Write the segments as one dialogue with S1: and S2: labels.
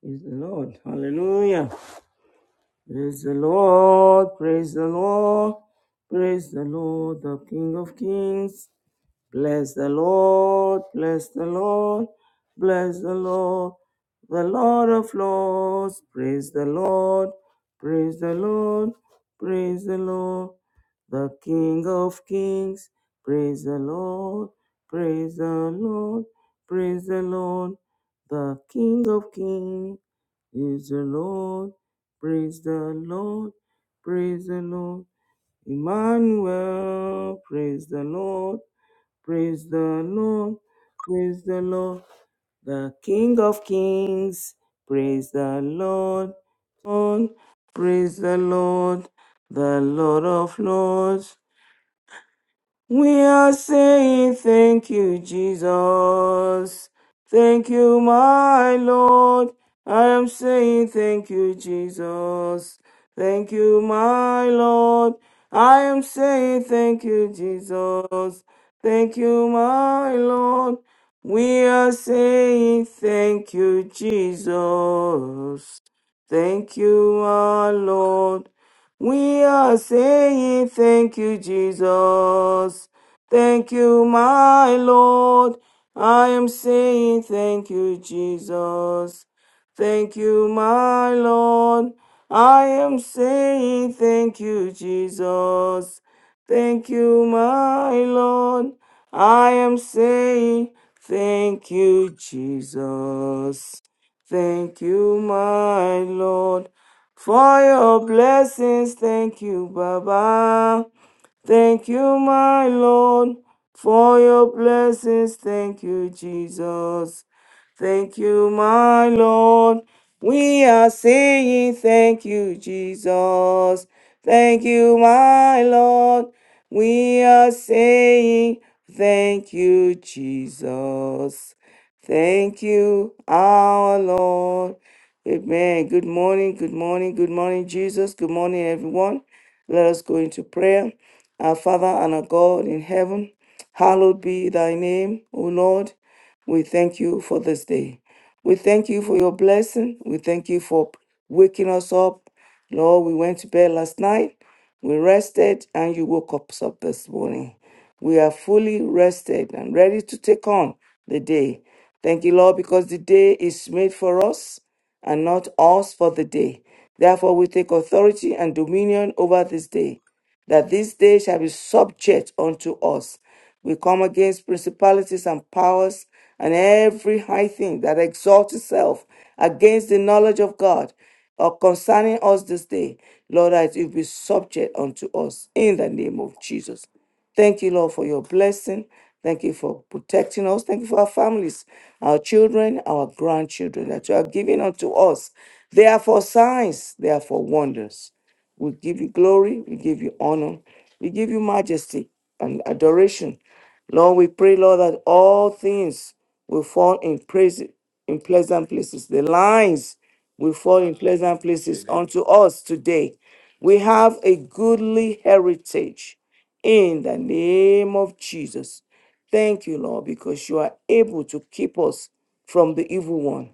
S1: Praise the Lord. Hallelujah. Praise the Lord. Praise the Lord. Praise the Lord, the King of Kings. Bless the Lord, bless the Lord, bless the Lord, the Lord of Lords. Praise the Lord, praise the Lord, praise the Lord, the King of Kings. Praise the Lord, praise the Lord, praise the Lord, the King of Kings is the Lord. Praise the Lord, praise the Lord, Emmanuel. Praise the Lord. Praise the Lord, praise the Lord, the King of Kings. Praise the Lord, Lord, praise the Lord, the Lord of Lords. We are saying thank you, Jesus. Thank you, my Lord. I am saying thank you, Jesus. Thank you, my Lord. I am saying thank you, Jesus. Thank you, my Lord. We are saying thank you, Jesus. Thank you, my Lord. We are saying thank you, Jesus. Thank you, my Lord. I am saying thank you, Jesus. Thank you, my Lord. I am saying thank you, Jesus. Thank you, my Lord. I am saying thank you, Jesus. Thank you, my Lord for your blessings. Thank you, Baba. Thank you, my Lord, for your blessings. Thank you, Jesus. Thank you, my Lord. We are saying thank you, Jesus. Thank you, my Lord. We are saying thank you, Jesus. Thank you, our Lord. Amen. Good morning. Good morning. Good morning, Jesus. Good morning, everyone. Let us go into prayer. Our Father and our God in heaven, hallowed be thy name, O Lord. We thank you for this day. We thank you for your blessing. We thank you for waking us up. Lord, we went to bed last night. We rested and you woke us up this morning. We are fully rested and ready to take on the day. Thank you, Lord, because the day is made for us and not us for the day. Therefore, we take authority and dominion over this day that this day shall be subject unto us. We come against principalities and powers and every high thing that exalts itself against the knowledge of God or concerning us this day. Lord, that it be subject unto us in the name of Jesus. Thank you, Lord, for your blessing. Thank you for protecting us. Thank you for our families, our children, our grandchildren that you have given unto us. They are for signs, they are for wonders. We give you glory. We give you honor. We give you majesty and adoration. Lord, we pray, Lord, that all things will fall in praise in pleasant places. The lines will fall in pleasant places unto us today. We have a goodly heritage in the name of Jesus. Thank you, Lord, because you are able to keep us from the evil one.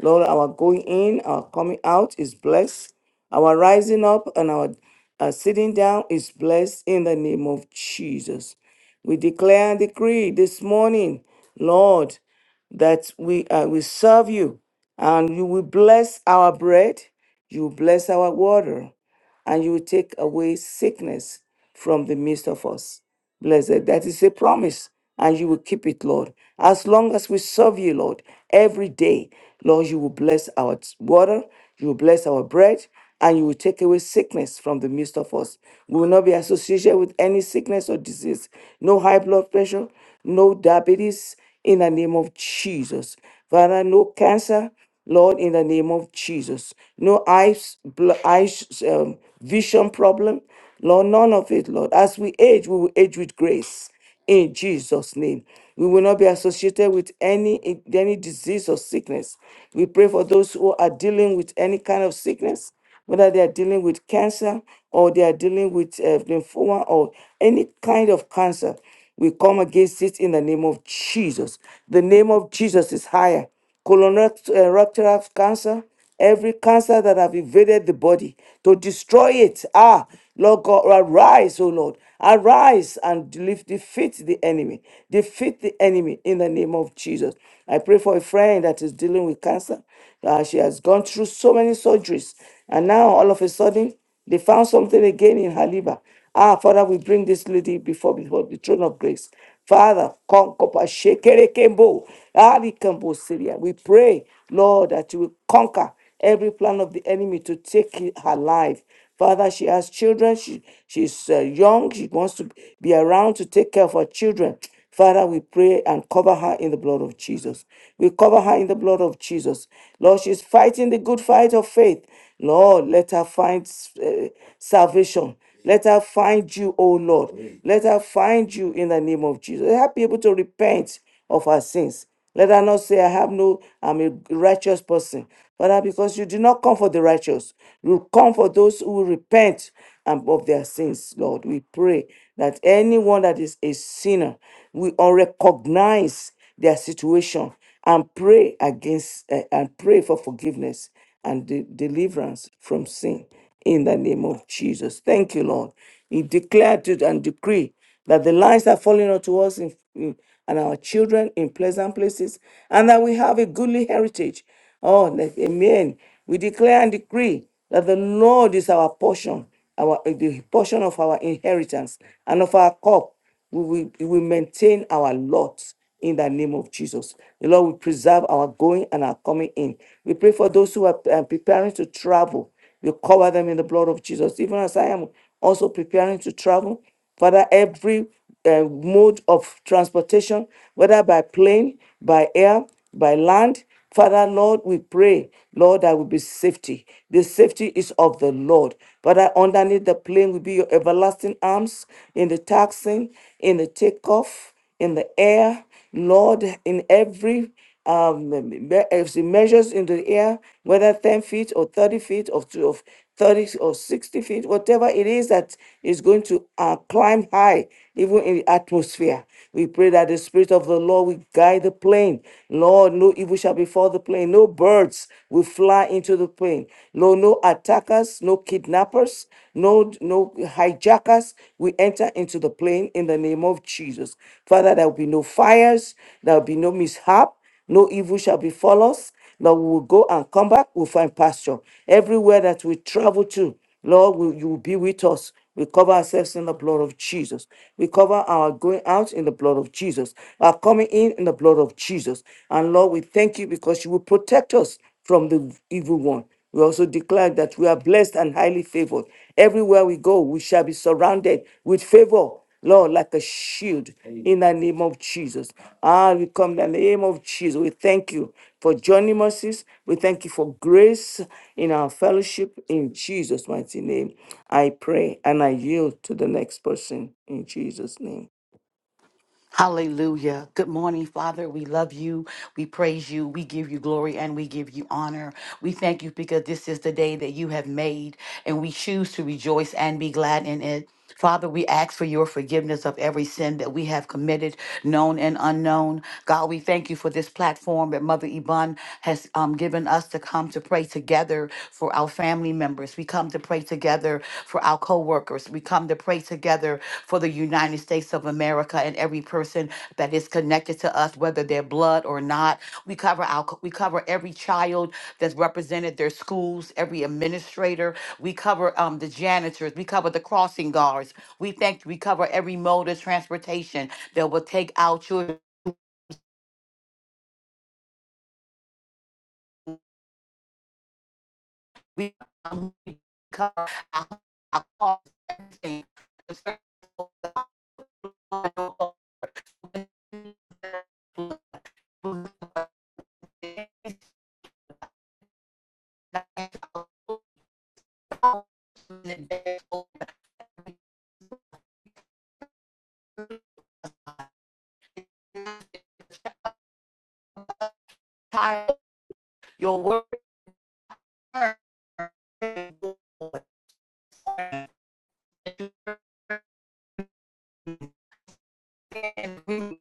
S1: Lord, our going in, our coming out is blessed. Our rising up and our uh, sitting down is blessed in the name of Jesus. We declare and decree this morning, Lord, that we uh, we serve you, and you will bless our bread, you will bless our water, and you will take away sickness from the midst of us. Blessed, that is a promise, and you will keep it, Lord. As long as we serve you, Lord, every day, Lord, you will bless our t- water, you will bless our bread, and you will take away sickness from the midst of us. We will not be associated with any sickness or disease, no high blood pressure, no diabetes, in the name of Jesus. Father, no cancer, Lord, in the name of Jesus. No eyes, bl- eyes um, vision problem. Lord, none of it, Lord. As we age, we will age with grace in Jesus' name. We will not be associated with any, any disease or sickness. We pray for those who are dealing with any kind of sickness whether they are dealing with cancer or they are dealing with uh, lymphoma or any kind of cancer. We come against it in the name of Jesus. The name of Jesus is higher. Colorectal cancer, every cancer that have invaded the body to destroy it. Ah, Lord God, arise, O Lord. Arise and def- defeat the enemy. Defeat the enemy in the name of Jesus. I pray for a friend that is dealing with cancer operation. Uh, she has gone through so many surgeries. And now all of a sudden, they found something again in her liver. Ah, Father, we bring this lady before, before the throne of grace. Father, conquer Shekere Kembo, Ali Kembo Syria. We pray, Lord, that you will conquer every plan of the enemy to take her life. Father, she has children. She, she's uh, young. She wants to be around to take care of her children. Father, we pray and cover her in the blood of Jesus. We cover her in the blood of Jesus. Lord, she's fighting the good fight of faith. Lord, let her find uh, salvation. Let her find you, O Lord. Let her find you in the name of Jesus. Let her be able to repent of her sins. Let her not say, I have no, I'm a righteous person. Father, because you did not come for the righteous. You come for those who repent and of their sins, Lord. We pray that anyone that is a sinner, we all recognize their situation and pray against eh, and pray for forgiveness and de- deliverance from sin in the name of Jesus. Thank you, Lord. He declared it and decree that the lines are falling unto us in, in- and our children in pleasant places, and that we have a goodly heritage. Oh, let, amen. We declare and decree that the Lord is our portion, our the portion of our inheritance and of our cup. We will, we will maintain our lot in the name of Jesus. The Lord will preserve our going and our coming in. We pray for those who are uh, preparing to travel. We cover them in the blood of Jesus. Even as I am also preparing to travel, Father, every uh, mode of transportation, whether by plane, by air, by land, Father, Lord, we pray, Lord, that will be safety. The safety is of the Lord. Father, underneath the plane will be your everlasting arms in the taxing, in the takeoff, in the air, Lord, in every um, me- me- as it measures in the air, whether 10 feet or 30 feet or two of. 30 or 60 feet, whatever it is that is going to uh, climb high, even in the atmosphere. We pray that the Spirit of the Lord will guide the plane. Lord, no evil shall befall the plane. No birds will fly into the plane. No, no attackers, no kidnappers, no, no hijackers will enter into the plane in the name of Jesus. Father, there will be no fires, there will be no mishap. No evil shall befall us. Lord, we will go and come back. We'll find pasture. Everywhere that we travel to, Lord, will you will be with us. We cover ourselves in the blood of Jesus. We cover our going out in the blood of Jesus. Our coming in in the blood of Jesus. And Lord, we thank you because you will protect us from the evil one. We also declare that we are blessed and highly favored. Everywhere we go, we shall be surrounded with favor, Lord, like a shield in the name of Jesus. Ah, we come in the name of Jesus. We thank you for joining mercies. We thank you for grace in our fellowship. In Jesus' mighty name, I pray and I yield to the next person in Jesus' name.
S2: Hallelujah. Good morning, Father. We love you. We praise you. We give you glory and we give you honor. We thank you because this is the day that you have made and we choose to rejoice and be glad in it. Father, we ask for your forgiveness of every sin that we have committed, known and unknown. God, we thank you for this platform that Mother Iban has um, given us to come to pray together for our family members. We come to pray together for our co workers. We come to pray pray together for the United States of America and every person that is connected to us, whether they're blood or not. We cover our we cover every child that's represented, their schools, every administrator. We cover um, the janitors. We cover the crossing guards. We thank we cover every mode of transportation that will take our children. We um, we cover our, our cars, everything. The service of God, blood, blood, blood, your word. And we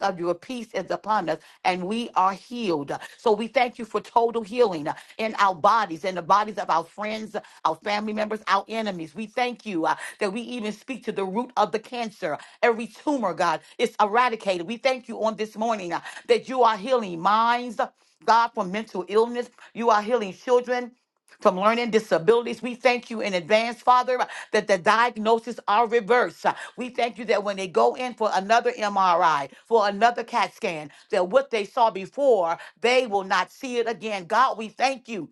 S2: of your peace is upon us and we are healed. So we thank you for total healing in our bodies, in the bodies of our friends, our family members, our enemies. We thank you uh, that we even speak to the root of the cancer. Every tumor, God, is eradicated. We thank you on this morning uh, that you are healing minds. God, from mental illness. You are healing children from learning disabilities. We thank you in advance, Father, that the diagnoses are reversed. We thank you that when they go in for another MRI, for another CAT scan, that what they saw before, they will not see it again. God, we thank you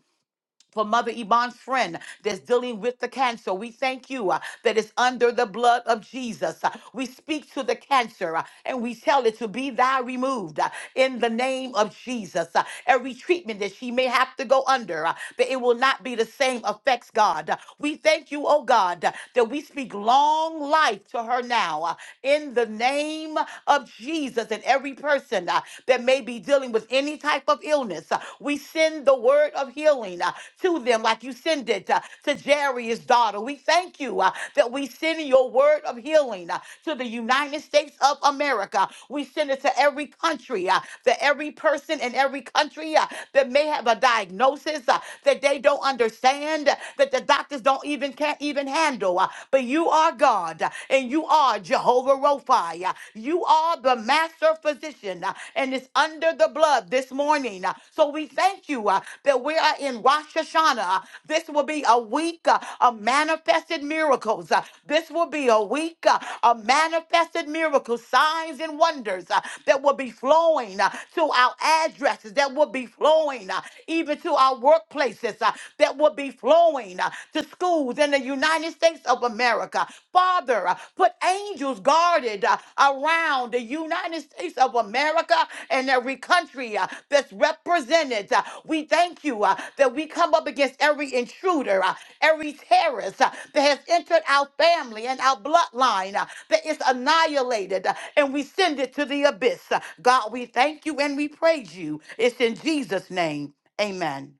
S2: for Mother Yvonne's friend that's dealing with the cancer. We thank you uh, that it's under the blood of Jesus. Uh, we speak to the cancer uh, and we tell it to be thou removed uh, in the name of Jesus. Uh, every treatment that she may have to go under, uh, that it will not be the same effects, God. Uh, we thank you, oh God, uh, that we speak long life to her now uh, in the name name of Jesus and every person uh, that may be dealing with any type of illness. uh, we send the word of healing uh, to them like you send it uh, to Jairus' daughter. We thank you uh, that we send your word of healing uh, to the United States of America. We send it to every country, uh, that every person in every country uh, that may have a diagnosis uh, that they don't understand understand that the doctors don't even can't even handle. uh, But you are God uh, and you are Jehovah Rophi. uh, You are the master physician uh, and it's under the blood this morning. uh, So we thank you uh, that we are in Rosh Hashanah. uh, This will be a week uh, of manifested miracles. uh, This will be a week uh, of manifested miracles, signs and wonders tenders uh, that will be flowing uh, to our addresses, that will be flowing uh, even to our workplaces, uh, that will be flowing uh, to schools in the United States of America. Father, uh, put angels guarded uh, around the United States of America and every country uh, that's represented. Uh, we thank you uh, that we come up against every intruder, uh, every terrorist uh, that has entered our family and our bloodline. uh, that it's annihilated uh, and we send it to the abyss. Uh, God, we thank you and we praise you. It's in Jesus' name. Amen.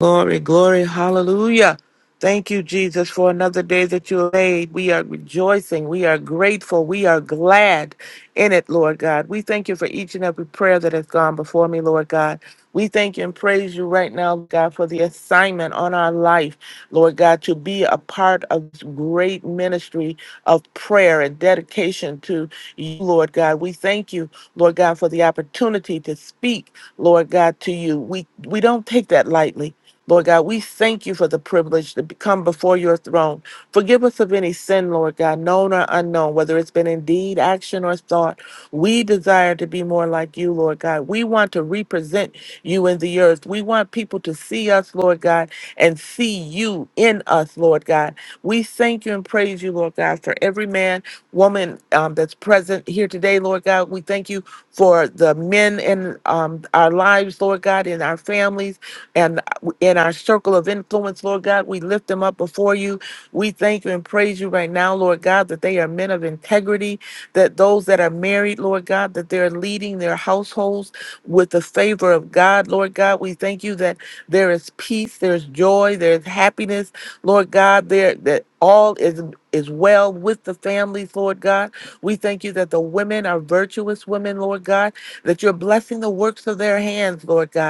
S3: Glory, glory, hallelujah. Thank you, Jesus, for another day that you have made. We are rejoicing. We are grateful. We are glad in it, Lord God. We thank you for each and every prayer that has gone before me, Lord God. We thank you and praise you right now, God, for the assignment on our life, Lord God, to be a part of this great ministry of prayer and dedication to you, Lord God. We thank you, Lord God, for the opportunity to speak, Lord God, to you. We we don't take that lightly. Lord God, we thank you for the privilege to be- come before your throne. Forgive us of any sin, Lord God, known or unknown, whether it's been in deed, action, or thought. We desire to be more like you, Lord God. We want to represent you in the earth. We want people to see us, Lord God, and see you in us, Lord God. We thank you and praise you, Lord God, for every man, woman um, that's present here today, Lord God. We thank you for the men in um, our lives, Lord God, in our families. and in our circle of influence, Lord God. We lift them up before you. We thank you and praise you right now, Lord God, that they are men of integrity, that those that are married, Lord God, that they're leading their households with the favor of God, Lord God. We thank you that there is peace, there's joy, there's happiness, Lord God, there that all is is well with the families, Lord God. We thank you that the women are virtuous women, Lord God, that you're blessing the works of their hands, Lord God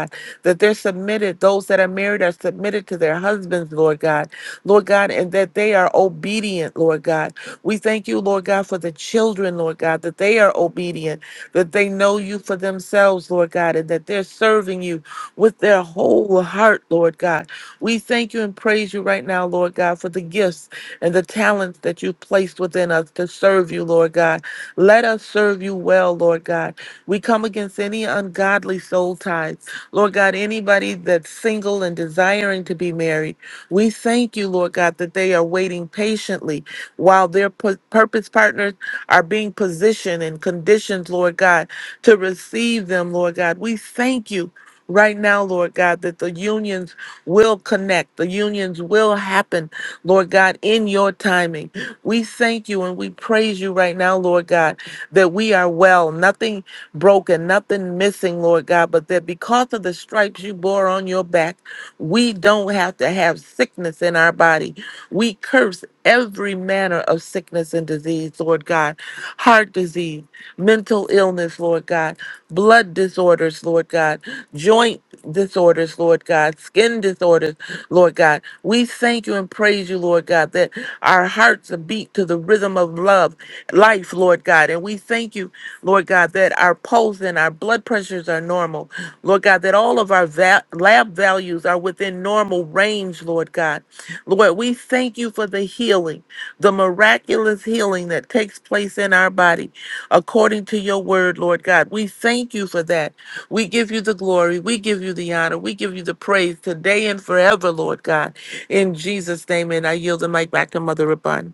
S3: that they're submitted, those that are married are submitted to their husbands, Lord God, Lord God, and that they are obedient, Lord God. We thank you, Lord God, for the children, Lord God, that they are obedient, that they know you for themselves, Lord God, and that they're serving you with their whole heart, Lord God. We thank you and praise you right now, Lord God, for the gifts and the talents that you placed within us to serve you, Lord God. Let us serve you well, Lord God. We come against any ungodly soul ties. Lord God, anybody that's single and desiring to be married, we thank you, Lord God, that they are waiting patiently while their pu- purpose partners are being positioned and conditioned, Lord God, to receive them, Lord God. We thank you right now, Lord God, that the unions will connect, the unions will happen, Lord God, in your timing. We thank you and we praise you right now, Lord God, that we are well. Nothing broken, nothing missing, Lord God, but that because of the stripes you bore on your back, we don't have to have sickness in our body. We curse every manner of sickness and disease, Lord God, heart disease, mental illness, Lord God, blood disorders, Lord God, joint disorders, Lord God, skin disorders, Lord God. We thank you and praise you, Lord God, that our hearts beat to the rhythm of love, life, Lord God. And we thank you Lord God, that our pulse and our blood pressures are normal. Lord God, that all of our va- lab values are within normal range, Lord God. Lord, we thank you for the healing, the miraculous healing that takes place in our body according to your word, Lord God. We thank you for that. We give you the glory. We give you the honor. We give you the praise today and forever, Lord God. In Jesus' name, and I yield the mic back to Mother Rabun.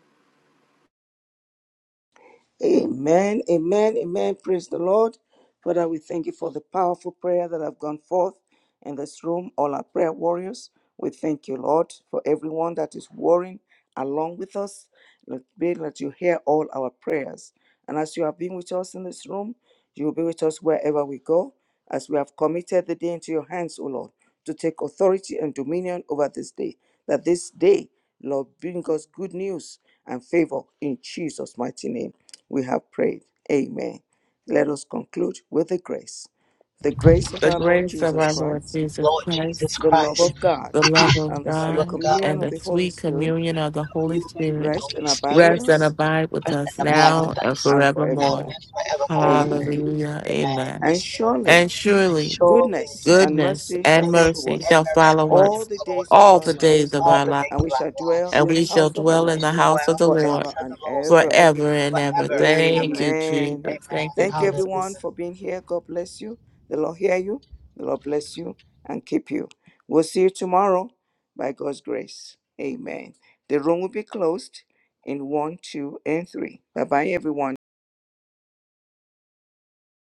S4: Amen, amen, amen. Praise the Lord. Father, we thank you for the powerful prayer that have gone forth in this room, all our prayer warriors. We thank you, Lord, for everyone that is warring along with us. Let be that you hear all our prayers. And as you have been with us in this room, you will be with us wherever we go, as we have committed the day into your hands, O Lord, to take authority and dominion over this day. That this day, Lord, bring us good news and favor in Jesus' mighty name. We have prayed. Amen. Let us conclude with the grace. The grace of
S3: The
S4: our Lord
S3: grace of
S4: Jesus
S3: our
S2: Praise
S3: Lord
S4: Christ,
S2: the
S3: Jesus
S2: Lord
S3: Christ
S2: Jesus
S4: the love
S2: Christ,
S4: of God,
S3: the love of
S4: and the
S2: love
S4: sweet
S2: of
S3: God,
S2: God,
S4: communion
S3: and
S4: of
S3: the
S4: the Holy
S3: sweet
S4: Spirit
S3: communion of the Holy
S2: communion,
S3: Spirit
S4: rest
S2: Holy
S4: and abide with
S3: rest
S2: Spirit,
S3: and
S4: us
S3: abide with
S2: rest
S3: us
S2: and abide
S3: now
S4: now
S2: with
S3: and
S2: us
S4: and
S2: now
S3: forevermore.
S4: forevermore.
S2: and forevermore.
S4: Amen.
S3: Hallelujah.
S2: Amen.
S3: Amen.
S4: And
S2: Yes, Lord.
S3: And
S4: surely
S2: And
S3: surely
S2: surely,
S4: goodness and
S3: goodness
S4: mercy shall
S3: and
S2: goodness
S4: follow
S3: mercy
S2: and
S4: us
S3: shall
S2: mercy
S3: follow
S2: shall
S4: all
S3: us
S4: the
S2: follow
S4: days of
S2: us
S3: all
S4: our
S3: the days
S4: lives,
S3: of
S2: all
S3: our
S2: the
S3: life,
S2: days
S4: and
S2: of
S4: we shall
S2: our
S4: dwell
S2: lives.
S3: and
S4: in the
S3: we shall
S4: house of the
S3: dwell
S2: We
S3: in
S4: Lord
S3: the
S2: shall
S3: house of
S2: dwell
S3: the
S2: in the
S3: Lord
S4: forever
S2: house of
S4: and
S2: the Lord
S4: ever.
S3: forever and ever.
S2: forever and
S3: Thank
S2: ever.
S3: you, Jesus.
S4: Amen.
S2: Amen.
S3: Thank you,
S4: Thank you,
S2: Hallelujah.
S3: Jesus.
S4: everyone, for being here. God bless you. The Lord hear you. The Lord bless you and keep you. We'll see you tomorrow by God's grace. Amen. The room will be closed in one, two, and three. Bye bye, everyone.